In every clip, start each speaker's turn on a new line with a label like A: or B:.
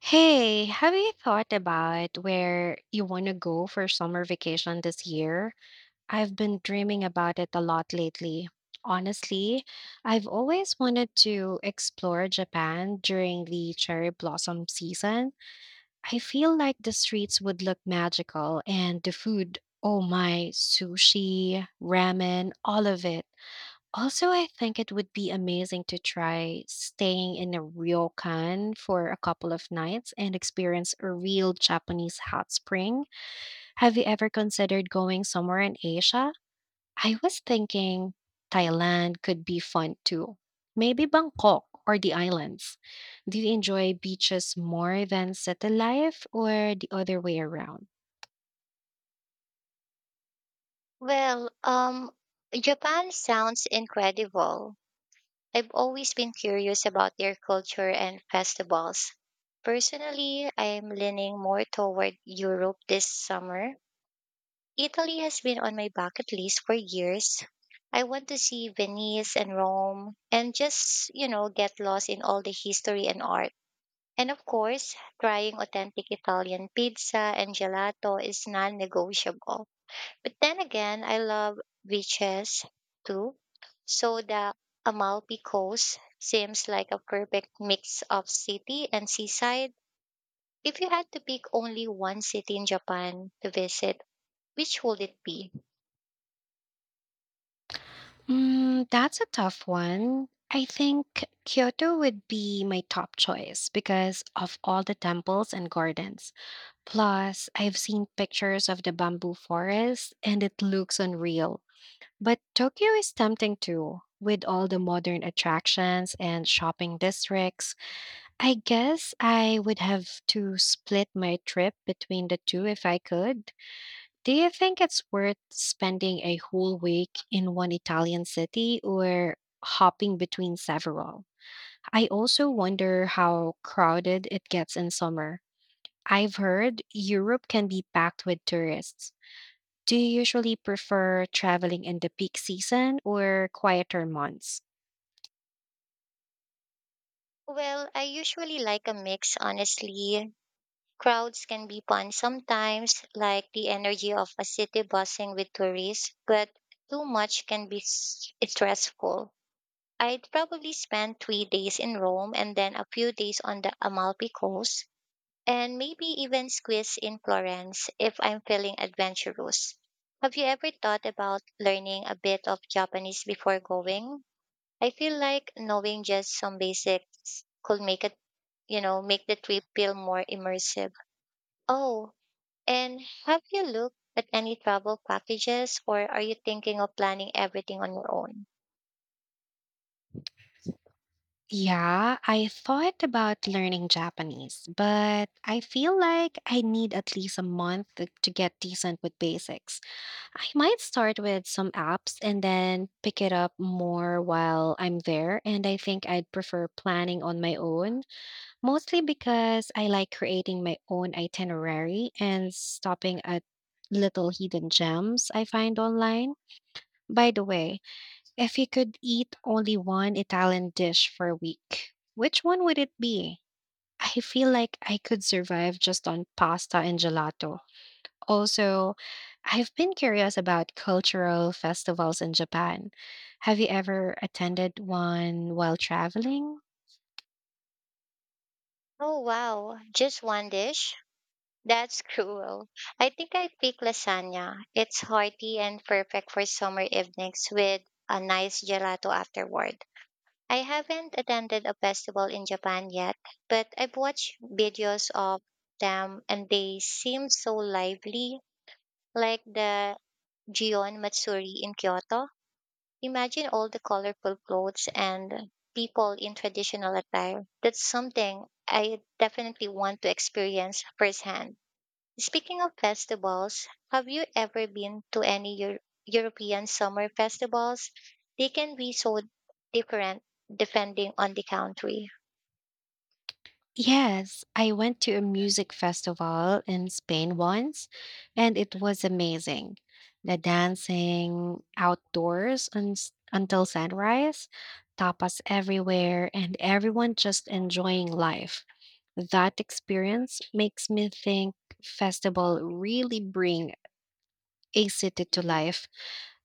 A: Hey, have you thought about where you want to go for summer vacation this year? I've been dreaming about it a lot lately. Honestly, I've always wanted to explore Japan during the cherry blossom season. I feel like the streets would look magical and the food, oh my, sushi, ramen, all of it. Also, I think it would be amazing to try staying in a Ryokan for a couple of nights and experience a real Japanese hot spring. Have you ever considered going somewhere in Asia? I was thinking Thailand could be fun too. Maybe Bangkok or the islands. Do you enjoy beaches more than city life or the other way around?
B: Well, um, Japan sounds incredible. I've always been curious about their culture and festivals. Personally, I'm leaning more toward Europe this summer. Italy has been on my bucket list for years. I want to see Venice and Rome and just get lost in all the history and art. And of course, trying authentic Italian pizza and gelato is non negotiable. But then again, I love beaches too. So the Amalfi Coast seems like a perfect mix of city and seaside. If you had to pick only one city in Japan to visit, which would it be?
A: Mm, that's a tough one. I think Kyoto would be my top choice because of all the temples and gardens. Plus, I've seen pictures of the bamboo forest and it looks unreal. But Tokyo is tempting too, with all the modern attractions and shopping districts. I guess I would have to split my trip between the two if I could. Do you think it's worth spending a whole week in one Italian city or hopping between several? I also wonder how crowded it gets in summer. I've heard Europe can be packed with tourists. Do you usually prefer traveling in the peak season or quieter months?
B: Well, I usually like a mix, honestly. Crowds can be fun sometimes, like the energy of a city buzzing with tourists, but too much can be stressful. I'd probably spend 3 days in Rome and then a few days on the Amalfi Coast, and maybe even squeeze in Florence if I'm feeling adventurous. Have you ever thought about learning a bit of Japanese before going? I feel like knowing just some basics could make it, you know, make the trip feel more immersive. Oh, and have you looked at any travel packages or are you thinking of planning everything on your own?
A: Yeah, I thought about learning Japanese, but I feel like I need at least a month to get decent with basics. I might start with some apps and then pick it up more while I'm there. And I think I'd prefer planning on my own, mostly because I like creating my own itinerary and stopping at little hidden gems I find online. By the way, if you could eat only one Italian dish for a week, which one would it be? I feel like I could survive just on pasta and gelato. Also, I've been curious about cultural festivals in Japan. Have you ever attended one while traveling?
B: Oh, wow. Just one dish? That's cruel. I think I pick lasagna. It's hearty and perfect for summer evenings with a nice gelato afterward. I haven't attended a festival in Japan yet, but I've watched videos of them and they seem so lively, like the Gion Matsuri in Kyoto. Imagine all the colorful clothes and people in traditional attire. That's something I definitely want to experience firsthand. Speaking of festivals, have you ever been to any European summer festivals? They can be so different depending on the country.
A: Yes, I went to a music festival in Spain once, and it was amazing. The dancing outdoors until sunrise, tapas everywhere, and everyone just enjoying life. That experience makes me think festival really bring a city to life.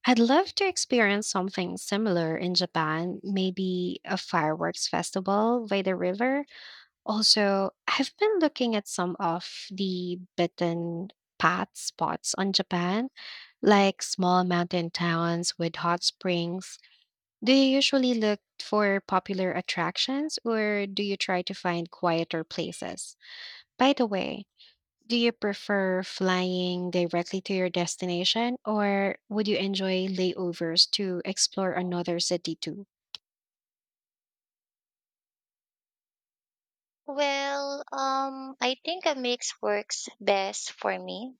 A: I'd love to experience something similar in Japan, maybe a fireworks festival by the river. Also, I've been looking at some of the beaten path spots on Japan, like small mountain towns with hot springs. Do you usually look for popular attractions or do you try to find quieter places? By the way, do you prefer flying directly to your destination or would you enjoy layovers to explore another city too?
B: I think a mix works best for me.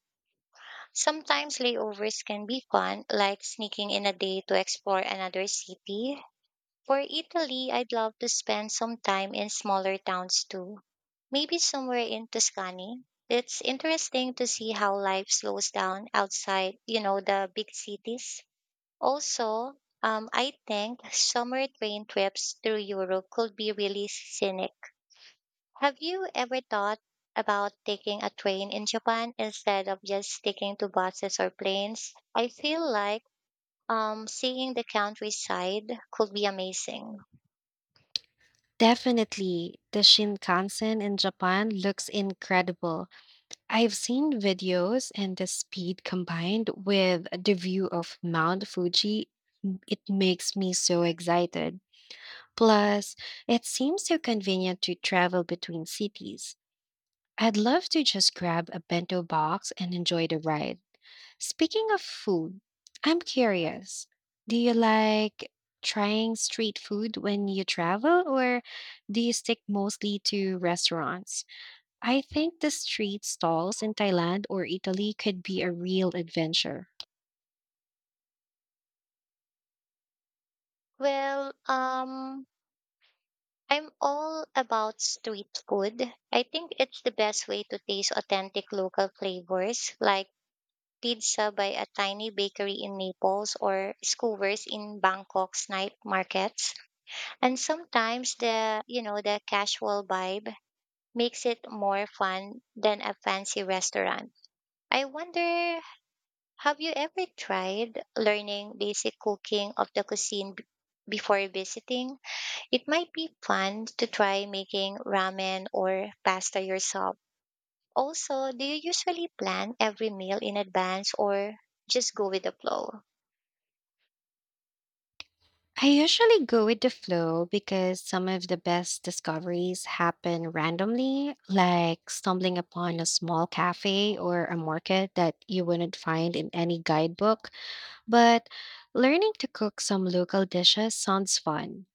B: Sometimes layovers can be fun, like sneaking in a day to explore another city. For Italy, I'd love to spend some time in smaller towns too, maybe somewhere in Tuscany. It's interesting to see how life slows down outside the big cities. Also, I think summer train trips through Europe could be really scenic. Have you ever thought about taking a train in Japan instead of just sticking to buses or planes? I feel like seeing the countryside could be amazing.
A: Definitely, the Shinkansen in Japan looks incredible. I've seen videos and the speed combined with the view of Mount Fuji, it makes me so excited. Plus, it seems so convenient to travel between cities. I'd love to just grab a bento box and enjoy the ride. Speaking of food, I'm curious. Do you like trying street food when you travel, or do you stick mostly to restaurants? I think the street stalls in Thailand or Italy could be a real adventure.
B: Well, um, I'm all about street food. I think it's the best way to taste authentic local flavors like pizza by a tiny bakery in Naples or skewers in Bangkok's night markets. And sometimes the casual vibe makes it more fun than a fancy restaurant. I wonder, have you ever tried learning basic cooking of the cuisine before visiting? It might be fun to try making ramen or pasta yourself. Also, do you usually plan every meal in advance or just go with the flow?
A: I usually go with the flow because some of the best discoveries happen randomly, like stumbling upon a small cafe or a market that you wouldn't find in any guidebook. But learning to cook some local dishes sounds fun.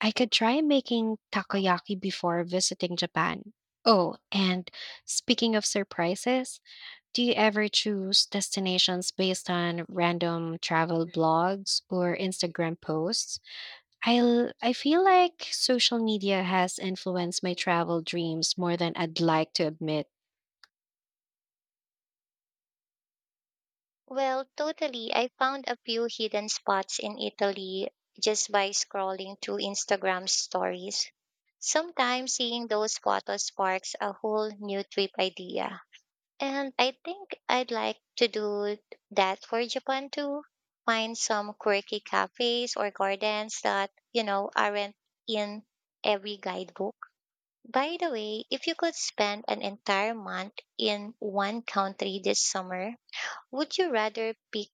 A: I could try making takoyaki before visiting Japan. Oh, and speaking of surprises, do you ever choose destinations based on random travel blogs or Instagram posts? I feel like social media has influenced my travel dreams more than I'd like to admit.
B: Well, totally. I found a few hidden spots in Italy just by scrolling through Instagram stories. Sometimes seeing those photos sparks a whole new trip idea. And I think I'd like to do that for Japan too. Find some quirky cafes or gardens that aren't in every guidebook. By the way, if you could spend an entire month in one country this summer, would you rather pick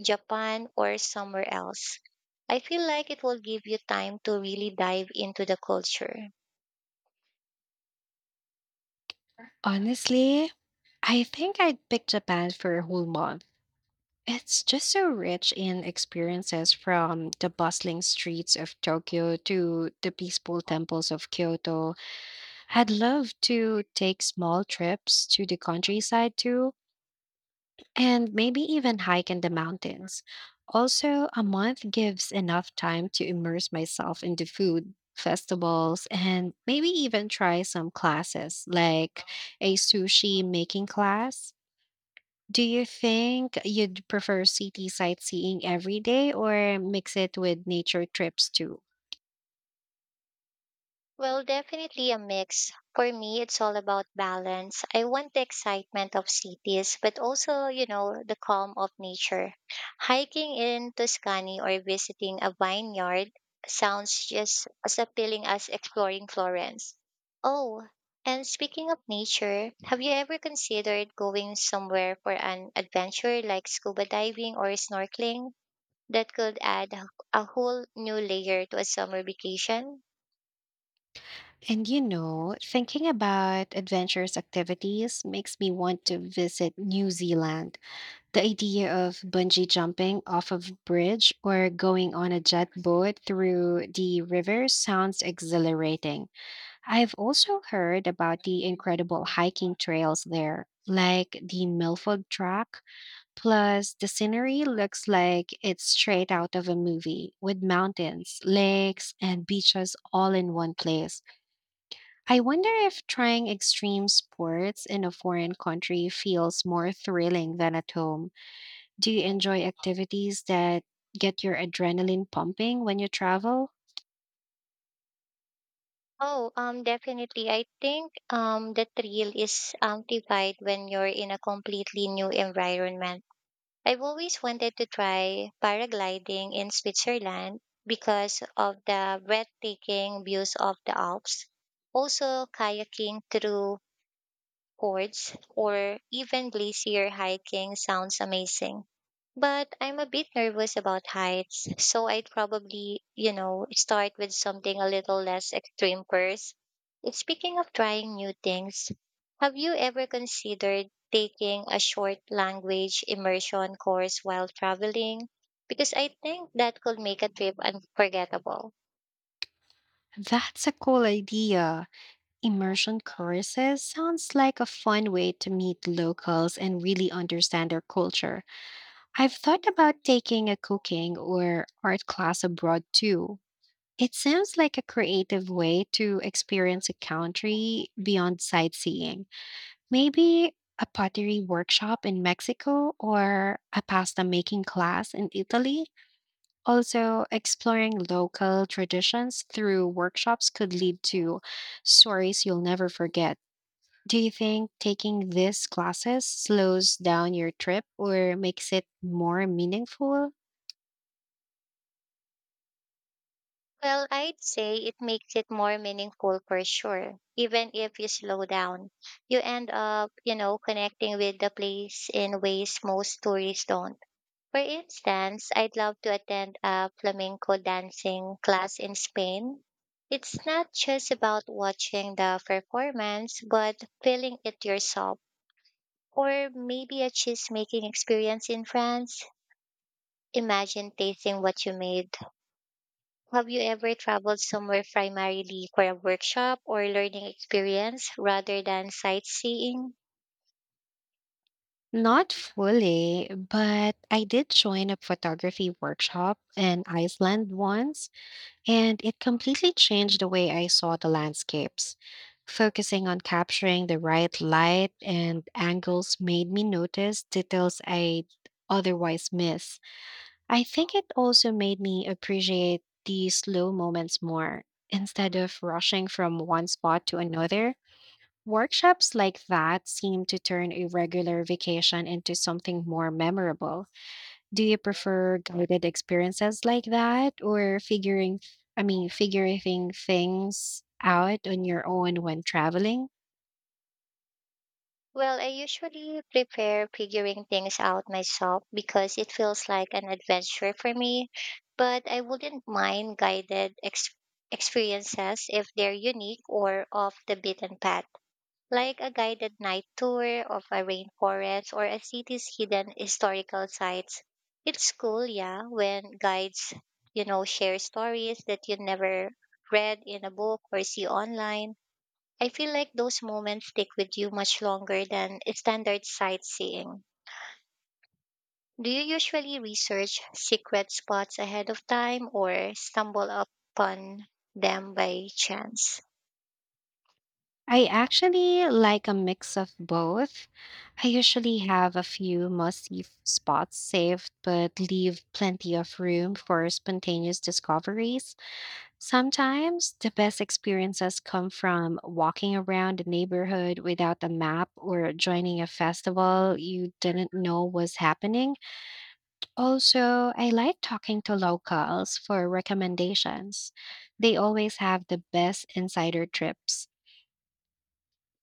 B: Japan or somewhere else? I feel like it will give you time to really dive into the culture.
A: Honestly, I think I'd pick Japan for a whole month. It's just so rich in experiences from the bustling streets of Tokyo to the peaceful temples of Kyoto. I'd love to take small trips to the countryside too, and maybe even hike in the mountains. Also, a month gives enough time to immerse myself in the food, festivals, and maybe even try some classes like a sushi making class. Do you think you'd prefer city sightseeing every day or mix it with nature trips too?
B: Well, definitely a mix. For me, it's all about balance. I want the excitement of cities, but also the calm of nature. Hiking in Tuscany or visiting a vineyard sounds just as appealing as exploring Florence. Oh, and speaking of nature, have you ever considered going somewhere for an adventure like scuba diving or snorkeling? That could add a whole new layer to a summer vacation.
A: And you know, thinking about adventurous activities makes me want to visit New Zealand. The idea of bungee jumping off of a bridge or going on a jet boat through the river sounds exhilarating. I've also heard about the incredible hiking trails there, like the Milford Track. Plus, the scenery looks like it's straight out of a movie, with mountains, lakes, and beaches all in one place. I wonder if trying extreme sports in a foreign country feels more thrilling than at home. Do you enjoy activities that get your adrenaline pumping when you travel?
B: Oh, definitely. I think the thrill is amplified when you're in a completely new environment. I've always wanted to try paragliding in Switzerland because of the breathtaking views of the Alps. Also, kayaking through chords or even glacier hiking sounds amazing. But I'm a bit nervous about heights, so I'd probably start with something a little less extreme first. Speaking of trying new things, have you ever considered taking a short language immersion course while traveling? Because I think that could make a trip unforgettable.
A: That's a cool idea. Immersion courses sounds like a fun way to meet locals and really understand their culture. I've thought about taking a cooking or art class abroad too. It sounds like a creative way to experience a country beyond sightseeing. Maybe a pottery workshop in Mexico or a pasta making class in Italy. Also, exploring local traditions through workshops could lead to stories you'll never forget. Do you think taking these classes slows down your trip or makes it more meaningful?
B: Well, I'd say it makes it more meaningful for sure. Even if you slow down, you end up connecting with the place in ways most tourists don't. For instance, I'd love to attend a flamenco dancing class in Spain. It's not just about watching the performance, but feeling it yourself. Or maybe a cheese making experience in France. Imagine tasting what you made. Have you ever traveled somewhere primarily for a workshop or learning experience rather than sightseeing?
A: Not fully, but I did join a photography workshop in Iceland once, and it completely changed the way I saw the landscapes. Focusing on capturing the right light and angles made me notice details I'd otherwise miss. I think it also made me appreciate the slow moments more. Instead of rushing from one spot to another, workshops like that seem to turn a regular vacation into something more memorable. Do you prefer guided experiences like that or figuring I mean figuring things out on your own when traveling?
B: Well, I usually prepare figuring things out myself because it feels like an adventure for me, but I wouldn't mind guided experiences if they're unique or off the beaten path, like a guided night tour of a rainforest or a city's hidden historical sites. It's cool, yeah, when guides share stories that you never read in a book or see online. I feel like those moments stick with you much longer than standard sightseeing. Do you usually research secret spots ahead of time or stumble upon them by chance?
A: I actually like a mix of both. I usually have a few must-see spots saved but leave plenty of room for spontaneous discoveries. Sometimes the best experiences come from walking around the neighborhood without a map or joining a festival you didn't know was happening. Also, I like talking to locals for recommendations. They always have the best insider trips.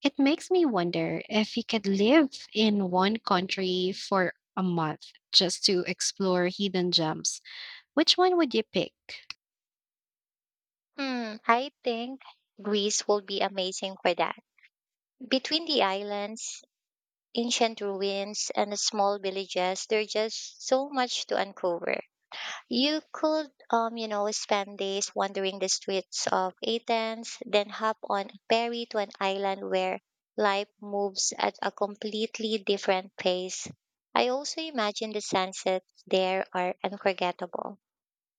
A: It makes me wonder if you could live in one country for a month just to explore hidden gems. Which one would you pick?
B: Hmm, I think Greece will be amazing for that. Between the islands, ancient ruins, and the small villages, there's just so much to uncover. You could spend days wandering the streets of Athens, then hop on a ferry to an island where life moves at a completely different pace. I also imagine the sunsets there are unforgettable.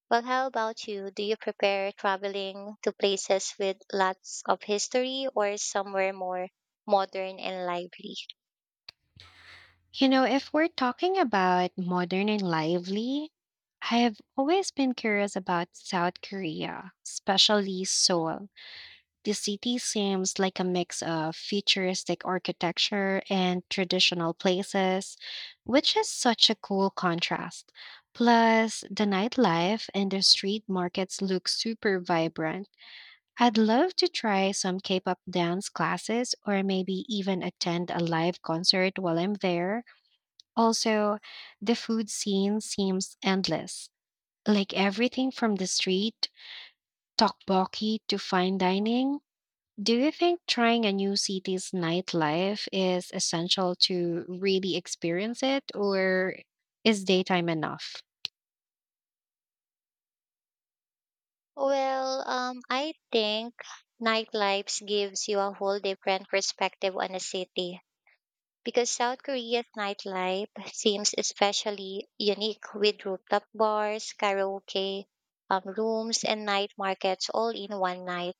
B: Well, how about you? Do you prepare traveling to places with lots of history or somewhere more modern and lively?
A: You know, if we're talking about modern and lively, I have always been curious about South Korea, especially Seoul. The city seems like a mix of futuristic architecture and traditional places, which is such a cool contrast. Plus, the nightlife and the street markets look super vibrant. I'd love to try some K pop dance classes or maybe even attend a live concert while I'm there. Also, the food scene seems endless, like everything from the street, tteokbokki to fine dining. Do you think trying a new city's nightlife is essential to really experience it, or is daytime enough?
B: I think nightlife gives you a whole different perspective on a city because South Korea's nightlife seems especially unique with rooftop bars, karaoke, rooms, and night markets all in one night.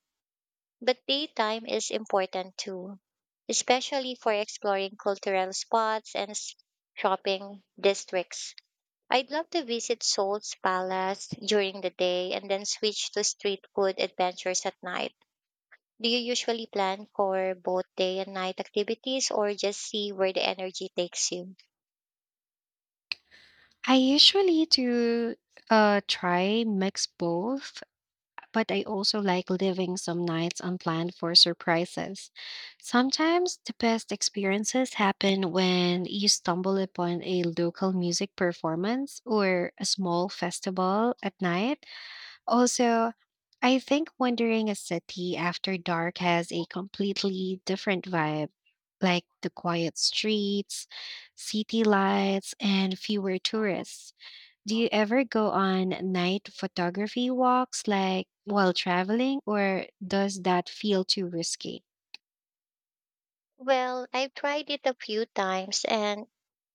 B: But daytime is important too, especially for exploring cultural spots and shopping districts. I'd love to visit Seoul's palace during the day and then switch to street food adventures at night. Do you usually plan for both day and night activities or just see where the energy takes you?
A: I usually do try mix both, but I also like leaving some nights unplanned for surprises. Sometimes the best experiences happen when you stumble upon a local music performance or a small festival at night. Also, I think wandering a city after dark has a completely different vibe, like the quiet streets, city lights, and fewer tourists. Do you ever go on night photography walks like while traveling, or does that feel too risky?
B: Well, I've tried it a few times and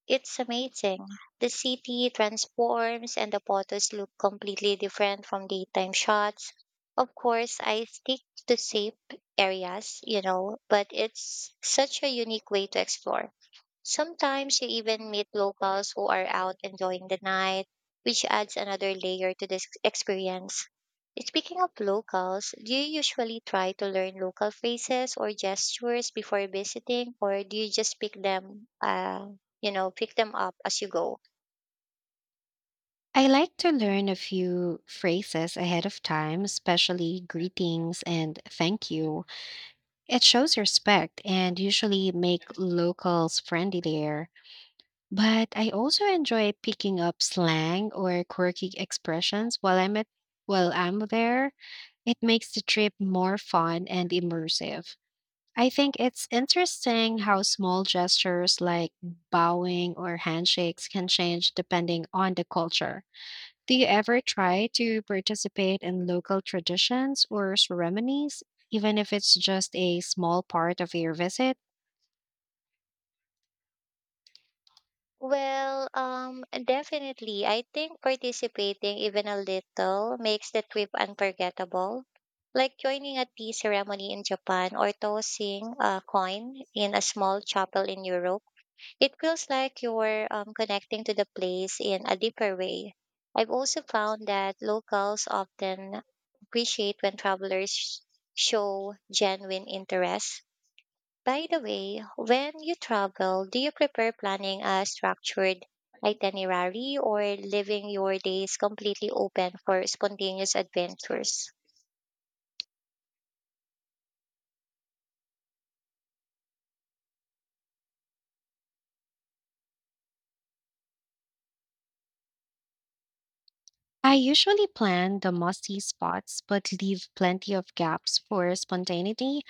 B: it's amazing. The city transforms and the photos look completely different from daytime shots. Of course, I stick to safe areas, but it's such a unique way to explore. Sometimes you even meet locals who are out enjoying the night, which adds another layer to this experience. Speaking of locals, do you usually try to learn local phrases or gestures before visiting, or do you just pick them pick them up as you go?
A: I like to learn a few phrases ahead of time, especially greetings and thank you. It shows respect and usually make locals friendly there. But I also enjoy picking up slang or quirky expressions while I'm there. It makes the trip more fun and immersive. I think it's interesting how small gestures like bowing or handshakes can change depending on the culture. Do you ever try to participate in local traditions or ceremonies, even if it's just a small part of your visit?
B: Well, definitely, I think participating even a little makes the trip unforgettable, like joining a tea ceremony in Japan or tossing a coin in a small chapel in Europe. It feels like you're connecting to the place in a deeper way. I've also found that locals often appreciate when travelers show genuine interest. By the way, when you travel, do you prefer planning a structured itinerary or leaving your days completely open for spontaneous adventures?
A: I usually plan the must see spots but leave plenty of gaps for spontaneity.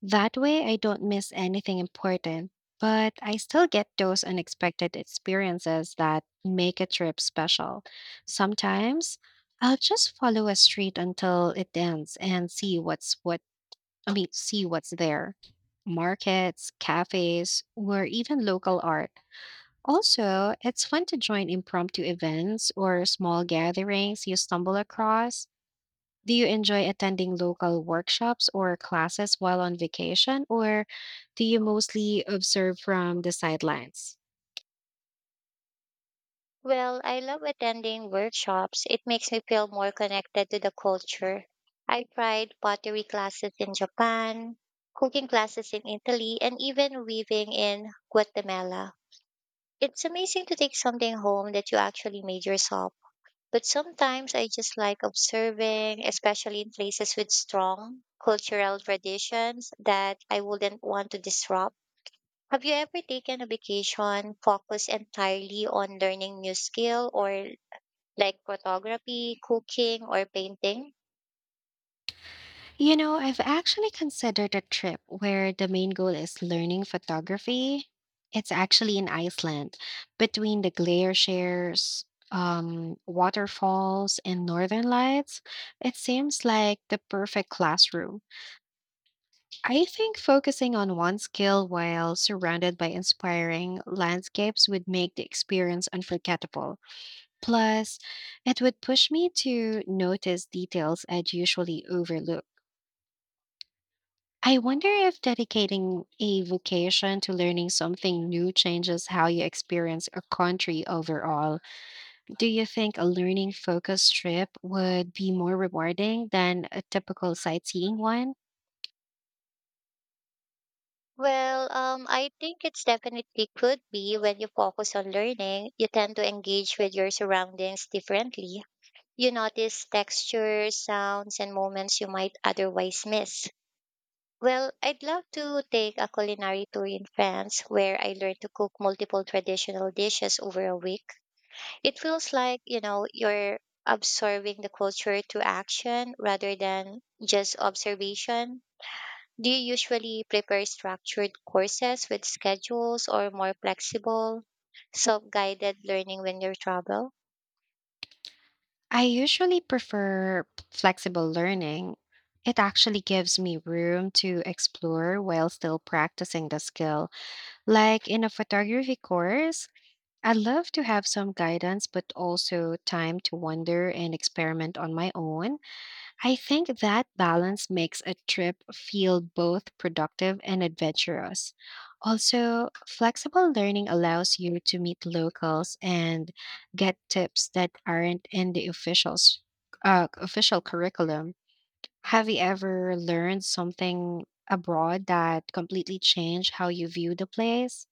A: That way, I don't miss anything important, but I still get those unexpected experiences that make a trip special. Sometimes I'll just follow a street until it ends and see what's what I mean, see what's there. Markets, cafes, or even local art. Also, it's fun to join impromptu events or small gatherings you stumble across. Do you enjoy attending local workshops or classes while on vacation, or do you mostly observe from the sidelines?
B: Well, I love attending workshops. It makes me feel more connected to the culture. I tried pottery classes in Japan, cooking classes in Italy, and even weaving in Guatemala. It's amazing to take something home that you actually made yourself. But sometimes I just like observing, especially in places with strong cultural traditions that I wouldn't want to disrupt. Have you ever taken a vacation focused entirely on learning new skill, or like photography, cooking, or painting?
A: You know, I've actually considered a trip where the main goal is learning photography. It's actually in Iceland, between the glaciers, waterfalls, and northern lights. It seems like the perfect classroom. I think focusing on one skill while surrounded by inspiring landscapes would make the experience unforgettable. Plus, it would push me to notice details I'd usually overlook. I wonder if dedicating a vocation to learning something new changes how you experience a country overall. Do you think a learning focused trip would be more rewarding than a typical sightseeing one?
B: I think it's definitely could be. When you focus on learning, you tend to engage with your surroundings differently. You notice textures, sounds, and moments you might otherwise miss. Well, I'd love to take a culinary tour in France where I learn to cook multiple traditional dishes over a week. It feels like you're absorbing the culture to action rather than just observation. Do you usually prepare structured courses with schedules or more flexible, self guided learning when you travel?
A: I usually prefer flexible learning. It actually gives me room to explore while still practicing the skill. Like in a photography course, I love to have some guidance, but also time to wonder and experiment on my own. I think that balance makes a trip feel both productive and adventurous. Also, flexible learning allows you to meet locals and get tips that aren't in the official curriculum. Have you ever learned something abroad that completely changed how you view the place?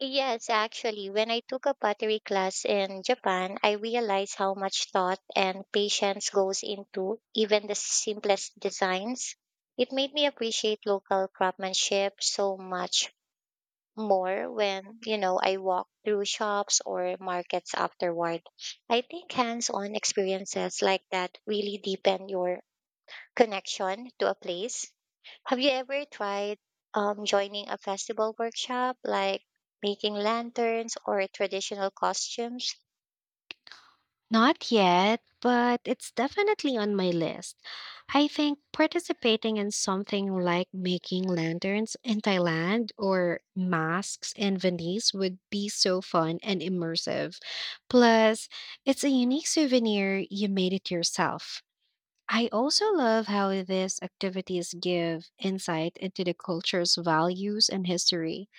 B: Yes, actually, when I took a pottery class in Japan, I realized how much thought and patience goes into even the simplest designs. It made me appreciate local craftsmanship so much more when I walk through shops or markets afterward. I think hands-on experiences like that really deepen your connection to a place. Have you ever tried joining a festival workshop like making lanterns or traditional costumes?
A: Not yet, but it's definitely on my list. I think participating in something like making lanterns in Thailand or masks in Venice would be so fun and immersive. Plus, it's a unique souvenir you made it yourself. I also love how these activities give insight into the culture's values and history.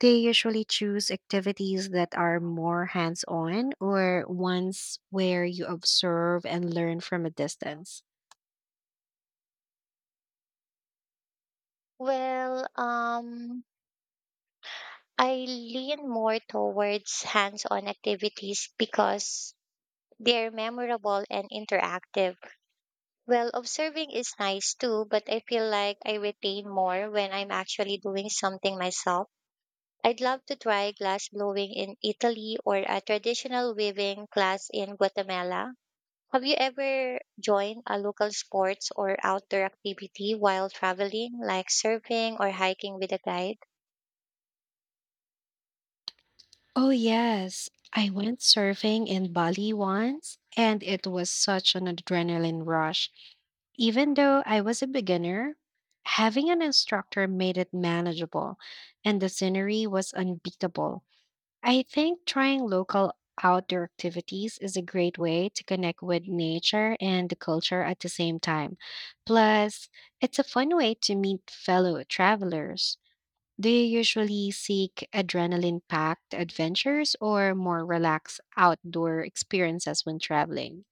A: They usually choose activities that are more hands on or ones where you observe and learn from a distance.
B: Well, um, I lean more towards hands on activities because they're memorable and interactive. Well, observing is nice too, but I feel like I retain more when I'm actually doing something myself. I'd love to try glass blowing in Italy or a traditional weaving class in Guatemala. Have you ever joined a local sports or outdoor activity while traveling, like surfing or hiking with a guide?
A: Oh, yes. I went surfing in Bali once, and it was such an adrenaline rush. Even though I was a beginner, having an instructor made it manageable, and the scenery was unbeatable. I think trying local outdoor activities is a great way to connect with nature and the culture at the same time. Plus, it's a fun way to meet fellow travelers. Do you usually seek adrenaline packed adventures or more relaxed outdoor experiences when traveling?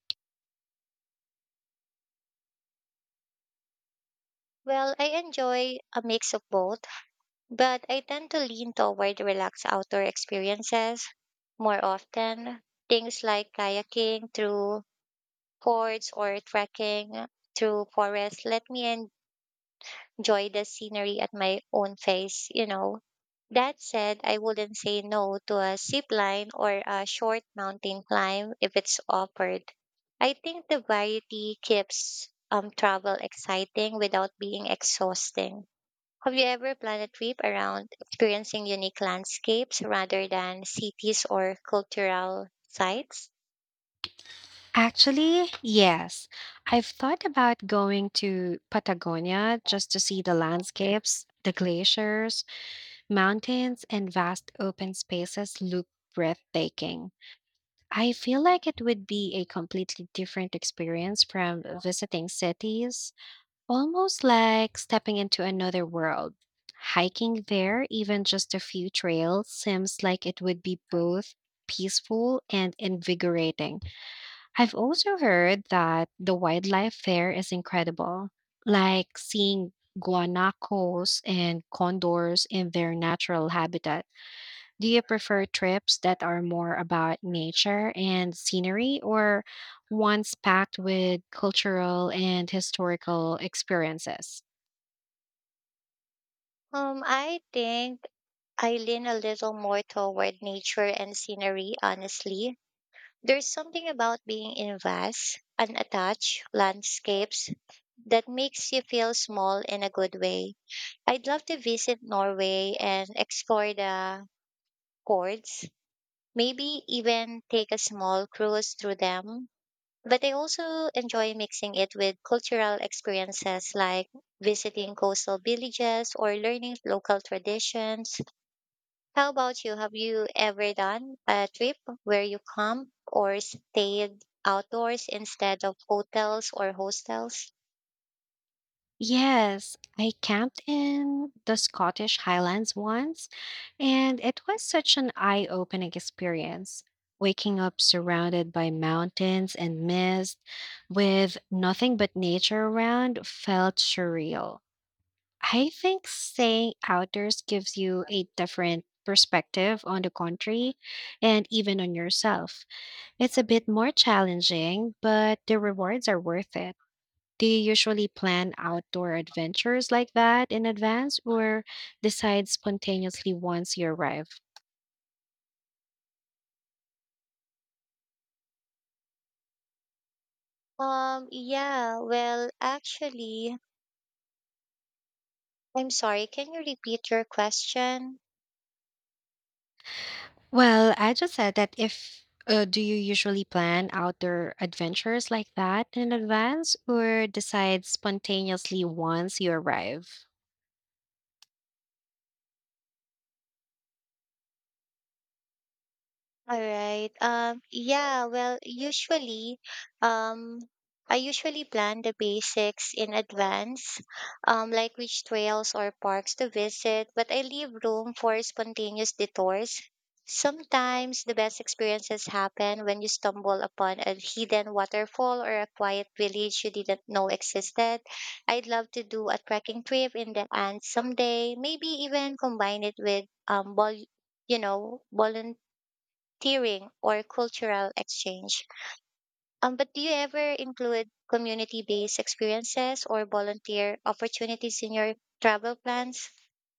B: Well, I enjoy a mix of both, but I tend to lean toward relaxed outdoor experiences more often. Things like kayaking through fords or trekking through forests let me enjoy the scenery at my own pace. That said, I wouldn't say no to a zip line or a short mountain climb if it's offered. I think the variety keeps travel exciting without being exhausting. Have you ever planned a trip around experiencing unique landscapes rather than cities or cultural sites?
A: Actually, yes. I've thought about going to Patagonia just to see the landscapes, the glaciers, mountains and vast open spaces look breathtaking. I feel like it would be a completely different experience from visiting cities, almost like stepping into another world. Hiking there, even just a few trails, seems like it would be both peaceful and invigorating. I've also heard that the wildlife there is incredible, like seeing guanacos and condors in their natural habitat. Do you prefer trips that are more about nature and scenery or ones packed with cultural and historical experiences?
B: I think I lean a little more toward nature and scenery, honestly. There's something about being in vast, unattached landscapes that makes you feel small in a good way. I'd love to visit Norway and explore the fjords, maybe even take a small cruise through them. But I also enjoy mixing it with cultural experiences like visiting coastal villages or learning local traditions. How about you? Have you ever done a trip where you camped or stayed outdoors instead of hotels or hostels?
A: Yes, I camped in the Scottish Highlands once, and it was such an eye opening experience. Waking up surrounded by mountains and mist with nothing but nature around felt surreal. I think staying outdoors gives you a different perspective on the country and even on yourself. It's a bit more challenging, but the rewards are worth it. Do you usually plan outdoor adventures like that in advance or decide spontaneously once you arrive?
B: Um, yeah, well, actually, I'm sorry. Can you repeat your question?
A: Well, I just said that if do you usually plan outdoor adventures like that in advance or decide spontaneously once you arrive?
B: All right. Um, I usually plan the basics in advance, like which trails or parks to visit, but I leave room for spontaneous detours. Sometimes the best experiences happen when you stumble upon a hidden waterfall or a quiet village you didn't know existed. I'd love to do a trekking trip in the Andes someday, maybe even combine it with volunteering touring, or cultural exchange. But do you ever include community based experiences or volunteer opportunities in your travel plans?